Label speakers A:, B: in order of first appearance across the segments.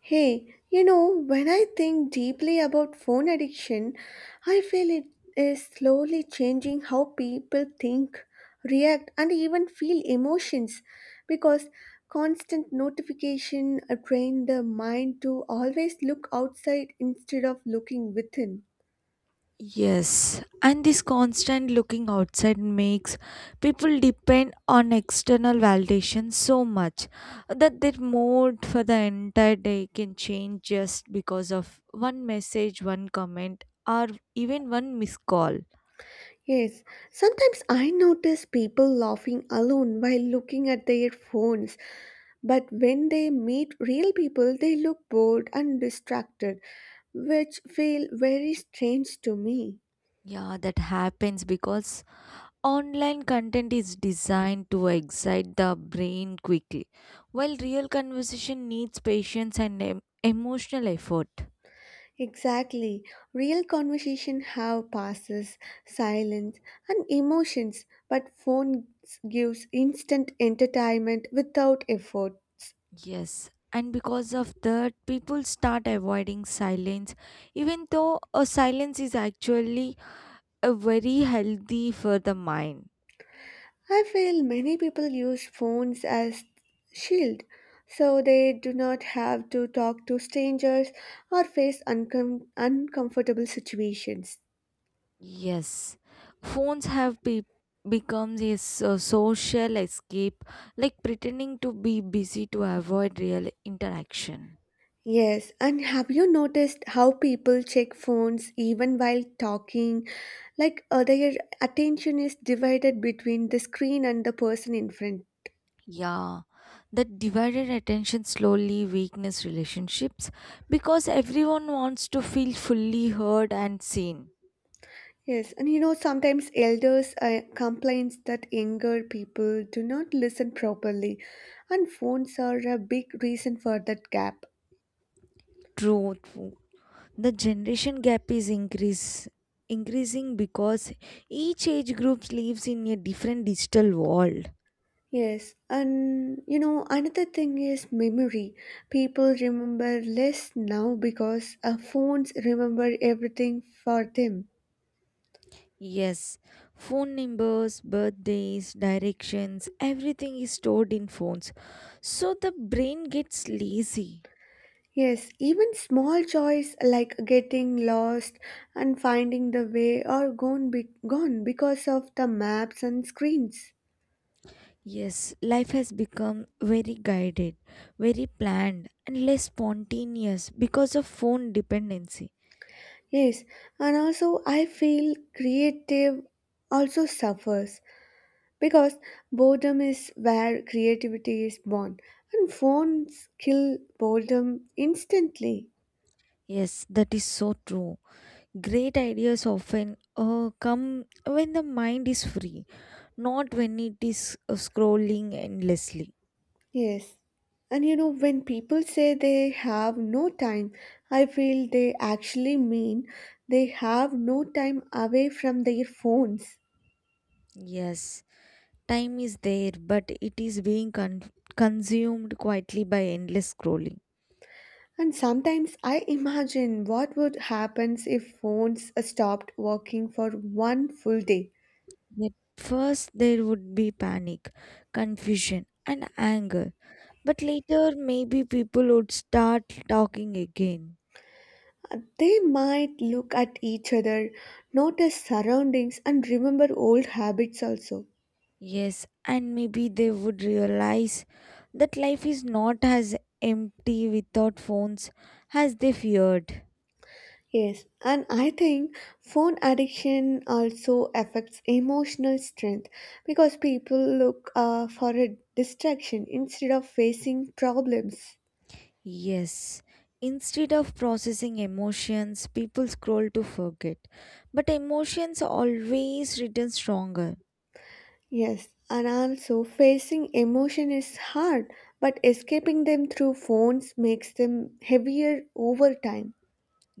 A: Hey, you know, when I think deeply about phone addiction, I feel it is slowly changing how people think, react, and even feel emotions because constant notification train the mind to always look outside instead of looking within.
B: Yes, and this constant looking outside makes people depend on external validation so much that their mood for the entire day can change just because of one message, one comment, or even one missed call.
A: Yes, sometimes I notice people laughing alone while looking at their phones, but when they meet real people, they look bored and distracted, which feel very strange to me.
B: Yeah, that happens because online content is designed to excite the brain quickly, while real conversation needs patience and emotional effort.
A: Exactly. Real conversation have pauses, silence, and emotions, but phones gives instant entertainment without effort.
B: Yes, and because of that, people start avoiding silence, even though a silence is actually a very healthy for the mind.
A: I feel many people use phones as shield so they do not have to talk to strangers or face uncomfortable situations.
B: Yes, phones have become a social escape, like pretending to be busy to avoid real interaction.
A: Yes, and have you noticed how people check phones even while talking? Like their attention is divided between the screen and the person in front.
B: Yeah, that divided attention slowly weakens relationships because everyone wants to feel fully heard and seen.
A: Yes, and you know, sometimes elders complains that younger people do not listen properly, and phones are a big reason for that gap.
B: True, true. The generation gap is increasing because each age group lives in a different digital world.
A: Yes, and you know, another thing is memory. People remember less now because phones remember everything for them.
B: Yes, phone numbers, birthdays, directions, everything is stored in phones. So the brain gets lazy.
A: Yes, even small joys like getting lost and finding the way are gone, gone because of the maps and screens.
B: Yes, life has become very guided, very planned, and less spontaneous because of phone dependency.
A: Yes, and also I feel creative also suffers because boredom is where creativity is born, and phones kill boredom instantly.
B: Yes, that is so true. Great ideas often come when the mind is free, not when it is scrolling endlessly.
A: Yes, and you know, when people say they have no time, I feel they actually mean they have no time away from their phones.
B: Yes, time is there, but it is being consumed quietly by endless scrolling.
A: And sometimes I imagine what would happen if phones stopped working for one full day.
B: Yet first, there would be panic, confusion, and anger. But later, maybe people would start talking again.
A: They might look at each other, notice surroundings, and remember old habits also.
B: Yes, and maybe they would realize that life is not as empty without phones as they feared.
A: Yes, and I think phone addiction also affects emotional strength because people look for a distraction instead of facing problems.
B: Yes, instead of processing emotions, people scroll to forget. But emotions always return stronger.
A: Yes, and also facing emotion is hard, but escaping them through phones makes them heavier over time.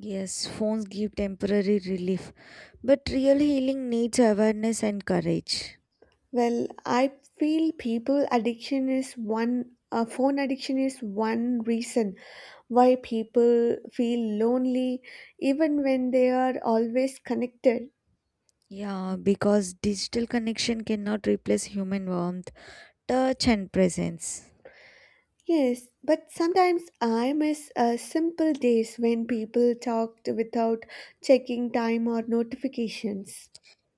B: Yes, phones give temporary relief, but real healing needs awareness and courage.
A: Well, I feel people addiction is one, phone addiction is one reason why people feel lonely even when they are always connected.
B: Yeah, because digital connection cannot replace human warmth, touch, and presence.
A: Yes, but sometimes I miss simple days when people talked without checking time or notifications.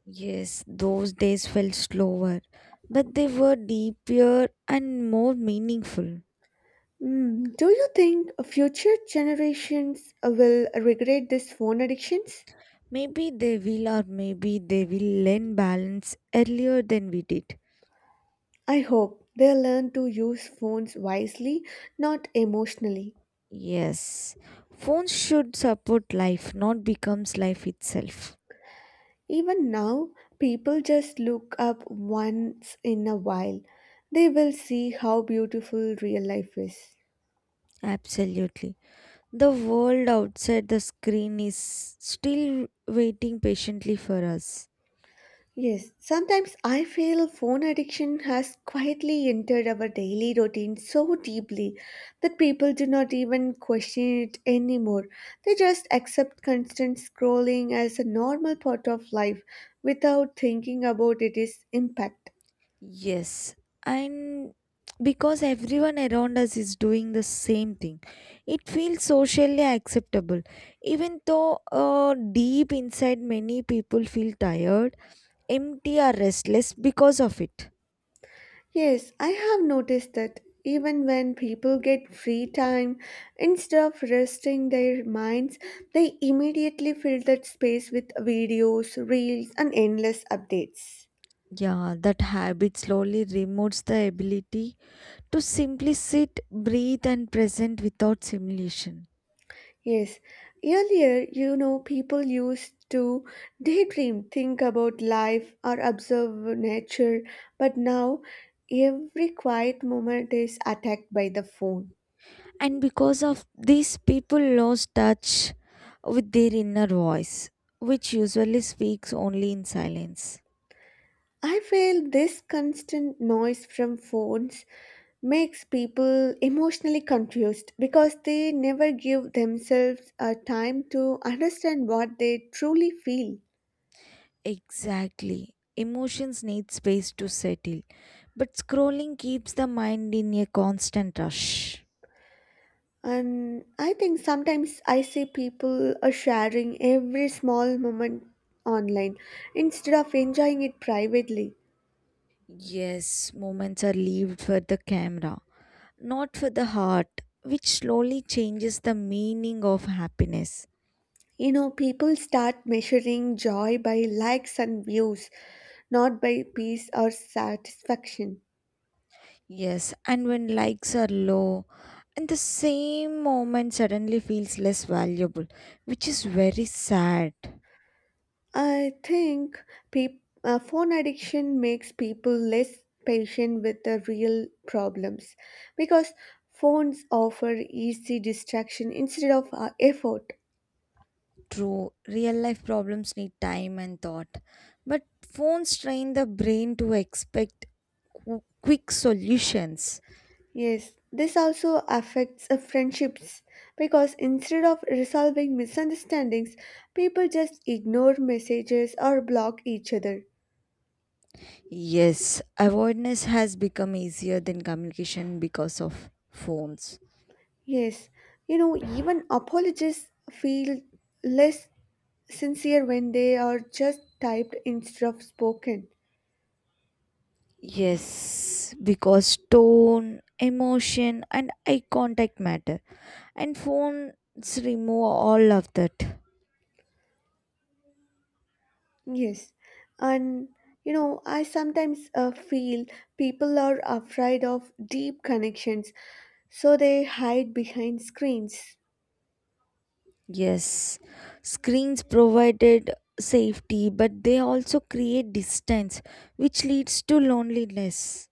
B: Yes, those days felt slower, but they were deeper and more meaningful.
A: Mm, do you think future generations will regret this phone addictions?
B: Maybe they will, or maybe they will lend balance earlier than we did.
A: I hope they learn to use phones wisely, not emotionally.
B: Yes, phones should support life, not becomes life itself.
A: Even now, people just look up once in a while. They will see how beautiful real life is.
B: Absolutely. The world outside the screen is still waiting patiently for us.
A: Yes, sometimes I feel phone addiction has quietly entered our daily routine so deeply that people do not even question it anymore. They just accept constant scrolling as a normal part of life without thinking about its impact.
B: Yes, and because everyone around us is doing the same thing, it feels socially acceptable. Even though deep inside, many people feel tired, empty, or restless because of it.
A: Yes, I have noticed that even when people get free time, instead of resting their minds, they immediately fill that space with videos, reels, and endless updates.
B: Yeah, that habit slowly removes the ability to simply sit, breathe, and present without simulation.
A: Yes, earlier, you know, people used to daydream, think about life, or observe nature, but now every quiet moment is attacked by the phone.
B: And because of this, people lost touch with their inner voice, which usually speaks only in silence.
A: I feel this constant noise from phones makes people emotionally confused because they never give themselves a time to understand what they truly feel.
B: Exactly, emotions need space to settle, but scrolling keeps the mind in a constant rush.
A: And I think sometimes I see people are sharing every small moment online instead of enjoying it privately.
B: Yes, moments are lived for the camera, not for the heart, which slowly changes the meaning of happiness.
A: You know, people start measuring joy by likes and views, not by peace or satisfaction.
B: Yes, and when likes are low, and the same moment suddenly feels less valuable, which is very sad.
A: I think peop phone addiction makes people less patient with the real problems because phones offer easy distraction instead of effort.
B: True, real life problems need time and thought, but phones train the brain to expect quick solutions.
A: Yes, this also affects friendships because instead of resolving misunderstandings, people just ignore messages or block each other.
B: Yes, avoidance has become easier than communication because of phones.
A: Yes, you know, even apologists feel less sincere when they are just typed instead of spoken.
B: Yes, because tone, emotion, and eye contact matter, and phones remove all of that.
A: Yes, and you know, I sometimes feel people are afraid of deep connections, so they hide behind screens.
B: Yes, screens provided safety, but they also create distance, which leads to loneliness.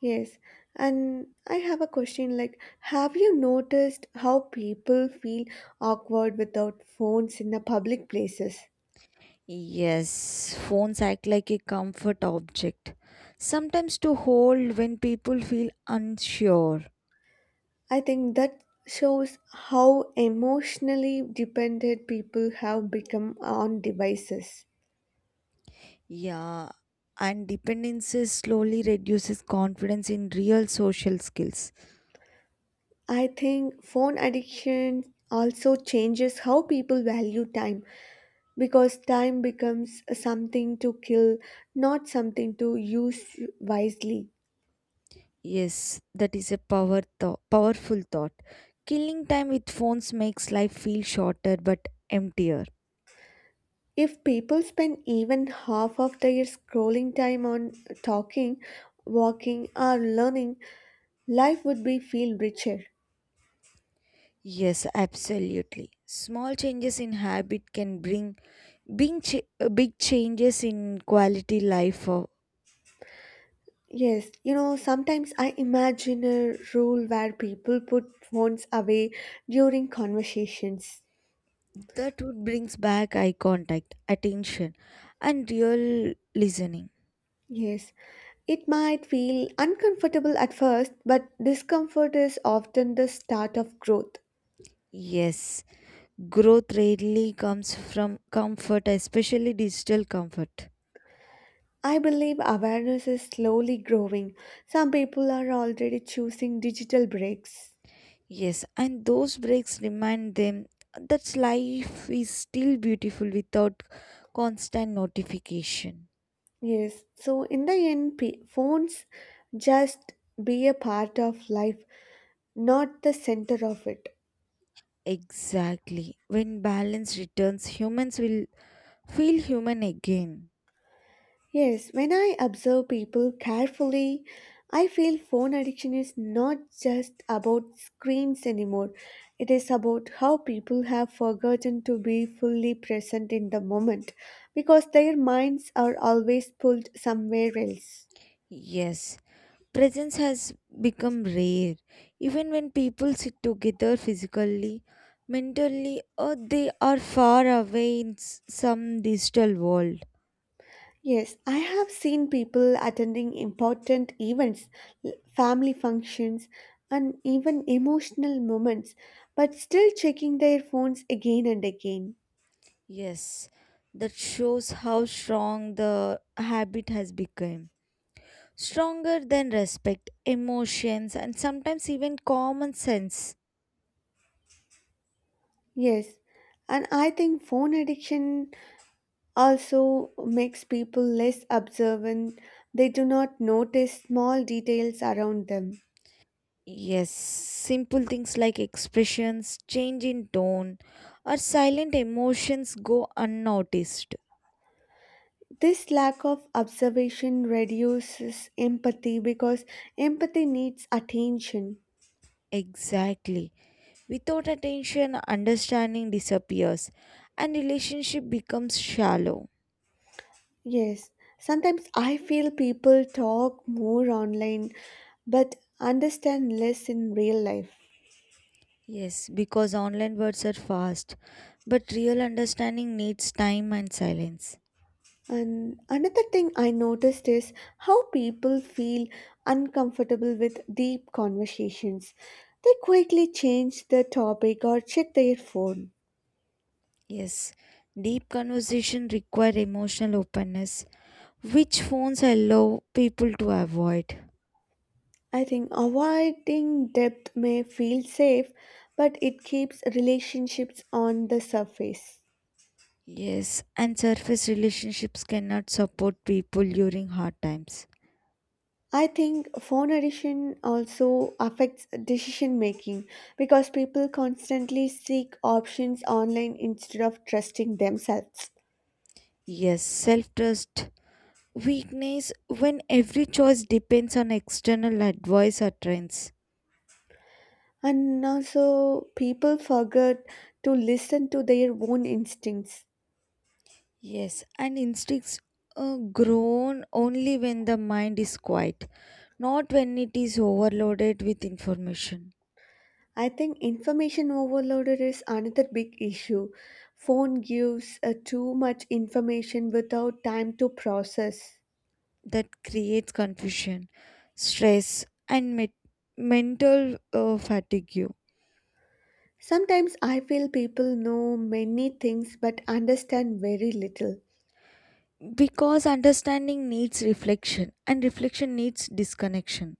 A: Yes, and I have a question like, have you noticed how people feel awkward without phones in the public places?
B: Yes, phones act like a comfort object, sometimes to hold when people feel unsure.
A: I think that shows how emotionally dependent people have become on devices.
B: Yeah, and dependencies slowly reduces confidence in real social skills.
A: I think phone addiction also changes how people value time because time becomes something to kill, not something to use wisely.
B: Yes, that is a power thought, powerful thought. Killing time with phones makes life feel shorter but emptier.
A: If people spend even half of their scrolling time on talking, walking, or learning, life would be feel richer.
B: Yes, absolutely. Small changes in habit can bring big changes in quality life.
A: Yes, you know, sometimes I imagine a rule where people put phones away during conversations.
B: That would brings back eye contact, attention, and real listening.
A: Yes, it might feel uncomfortable at first, but discomfort is often the start of growth.
B: Yes, growth rarely comes from comfort, especially digital comfort.
A: I believe awareness is slowly growing. Some people are already choosing digital breaks.
B: Yes, and those breaks remind them that life is still beautiful without constant notification.
A: Yes, so in the end, phones just be a part of life, not the center of it.
B: Exactly. When balance returns, humans will feel human again.
A: Yes, when I observe people carefully, I feel phone addiction is not just about screens anymore. It is about how people have forgotten to be fully present in the moment because their minds are always pulled somewhere else.
B: Yes, presence has become rare. Even when people sit together physically, mentally, or they are far away in some digital world.
A: Yes, I have seen people attending important events, family functions, and even emotional moments, but still checking their phones again and again.
B: Yes, that shows how strong the habit has become. Stronger than respect, emotions, and sometimes even common sense.
A: Yes, and I think phone addiction also makes people less observant. They do not notice small details around them.
B: Yes, simple things like expressions, change in tone, or silent emotions go unnoticed.
A: This lack of observation reduces empathy because empathy needs attention.
B: Exactly. Without attention, understanding disappears and relationship becomes shallow.
A: Yes, sometimes I feel people talk more online but understand less in real life.
B: Yes, because online words are fast, but real understanding needs time and silence.
A: And another thing I noticed is how people feel uncomfortable with deep conversations. They quickly change the topic or check their phone.
B: Yes, deep conversation require emotional openness, which phones allow people to avoid.
A: I think avoiding depth may feel safe, but it keeps relationships on the surface.
B: Yes, and surface relationships cannot support people during hard times.
A: I think phone addiction also affects decision making because people constantly seek options online instead of trusting themselves.
B: Yes, self trust weakness when every choice depends on external advice or trends.
A: And also, people forget to listen to their own instincts.
B: Yes, and instincts grown only when the mind is quiet, not when it is overloaded with information.
A: I think information overload is another big issue. Phone gives too much information without time to process.
B: That creates confusion, stress, and mental fatigue.
A: Sometimes I feel people know many things but understand very little.
B: Because understanding needs reflection, and reflection needs disconnection.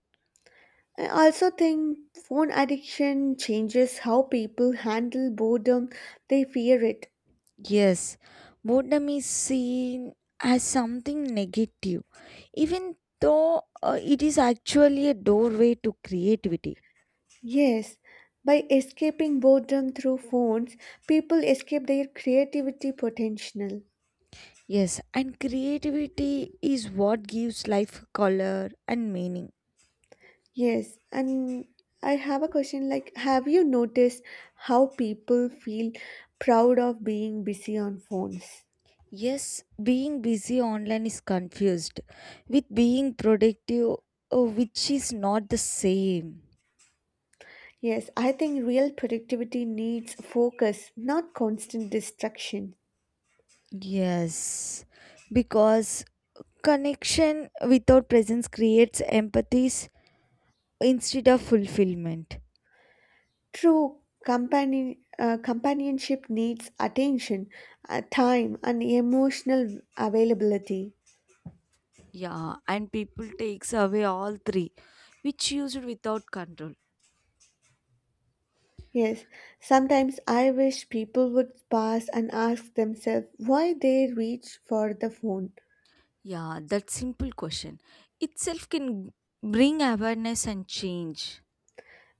A: I also think phone addiction changes how people handle boredom. They fear it.
B: Yes, boredom is seen as something negative, even though it is actually a doorway to creativity.
A: Yes, by escaping boredom through phones, people escape their creativity potential.
B: Yes, and creativity is what gives life color and meaning.
A: Yes, and I have a question like, have you noticed how people feel proud of being busy on phones?
B: Yes, being busy online is confused with being productive, which is not the same.
A: Yes, I think real productivity needs focus, not constant distraction.
B: Yes, because connection without presence creates empathies instead of fulfillment.
A: True companionship needs attention, time, and emotional availability.
B: Yeah, and people takes away all three, which used without control.
A: Yes, sometimes I wish people would pause and ask themselves why they reach for the phone.
B: Yeah, that simple question itself can bring awareness and change.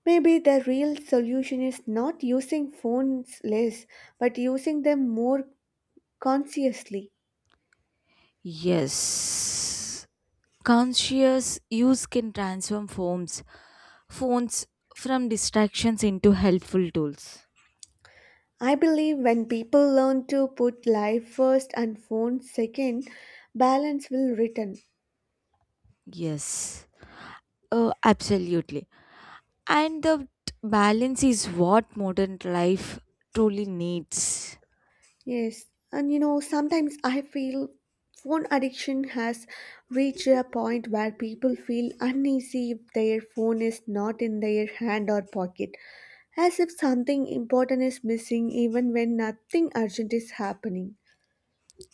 A: Maybe the real solution is not using phones less, but using them more consciously.
B: Yes. Conscious use can transform phones from distractions into helpful tools.
A: I believe when people learn to put life first and phone second, balance will return.
B: Yes. Oh, absolutely. And the balance is what modern life truly needs.
A: Yes, and you know, sometimes I feel phone addiction has reached a point where people feel uneasy if their phone is not in their hand or pocket, as if something important is missing even when nothing urgent is happening.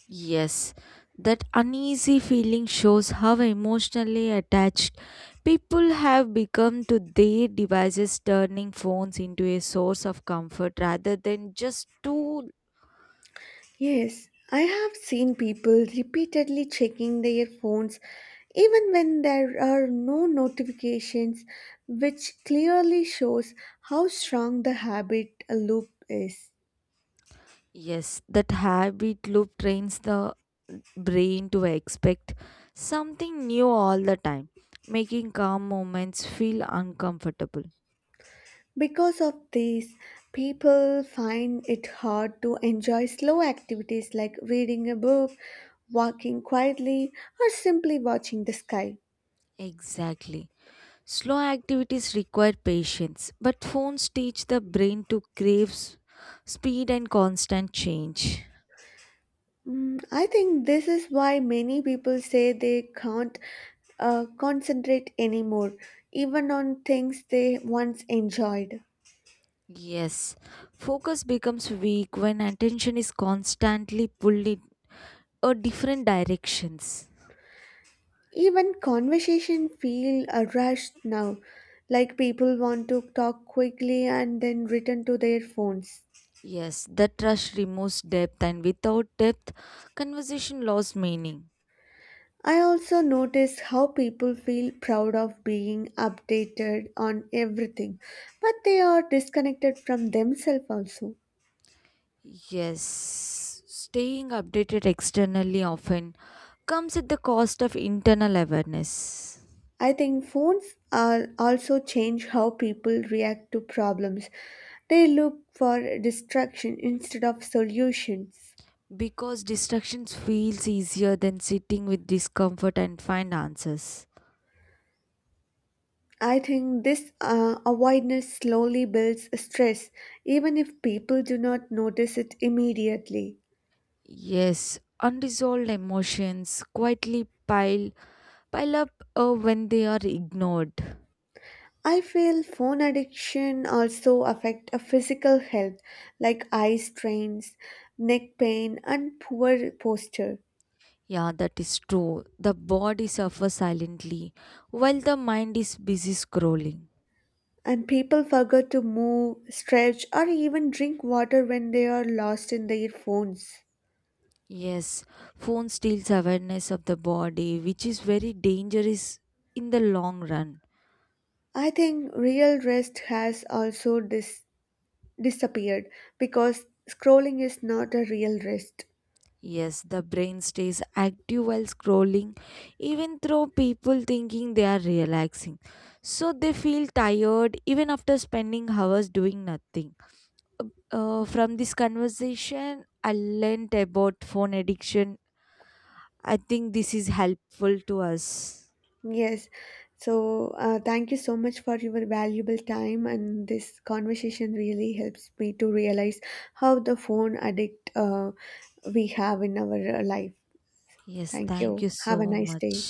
B: Yes, that uneasy feeling shows how emotionally attached people have become to their devices, turning phones into a source of comfort rather than just tool.
A: Yes, I have seen people repeatedly checking their phones even when there are no notifications, which clearly shows how strong the habit loop is.
B: Yes, that habit loop trains the brain to expect something new all the time, making calm moments feel uncomfortable.
A: Because of this, people find it hard to enjoy slow activities like reading a book, walking quietly, or simply watching the sky.
B: Exactly. Slow activities require patience, but phones teach the brain to crave speed and constant change.
A: Mm, I think this is why many people say they can't concentrate anymore, even on things they once enjoyed.
B: Yes, focus becomes weak when attention is constantly pulled in a different directions.
A: Even conversation feel rushed now, like people want to talk quickly and then return to their phones.
B: Yes, the rush removes depth, and without depth, conversation lost meaning.
A: I also notice how people feel proud of being updated on everything, but they are disconnected from themselves also.
B: Yes, staying updated externally often comes at the cost of internal awareness.
A: I think phones are also change how people react to problems. They look for distraction instead of solutions.
B: Because distractions feels easier than sitting with discomfort and find answers.
A: I think this avoidance slowly builds stress, even if people do not notice it immediately.
B: Yes, unresolved emotions quietly pile up when they are ignored.
A: I feel phone addiction also affect a physical health like eye strains, neck pain and poor posture.
B: Yeah, that is true. The body suffers silently while the mind is busy scrolling.
A: And people forget to move, stretch or even drink water when they are lost in their phones.
B: Yes, phone steals awareness of the body, which is very dangerous in the long run.
A: I think real rest has also disappeared because scrolling is not a real rest.
B: Yes, the brain stays active while scrolling, even though people thinking they are relaxing. So they feel tired even after spending hours doing nothing. Uh, from this conversation, I learned about phone addiction. I think this is helpful to us.
A: Yes. So, thank you so much for your valuable time, and this conversation really helps me to realize how the phone addict we have in our life.
B: Yes,
A: Thank
B: thank
A: you.
B: you
A: Have a
B: so
A: nice
B: much.
A: day.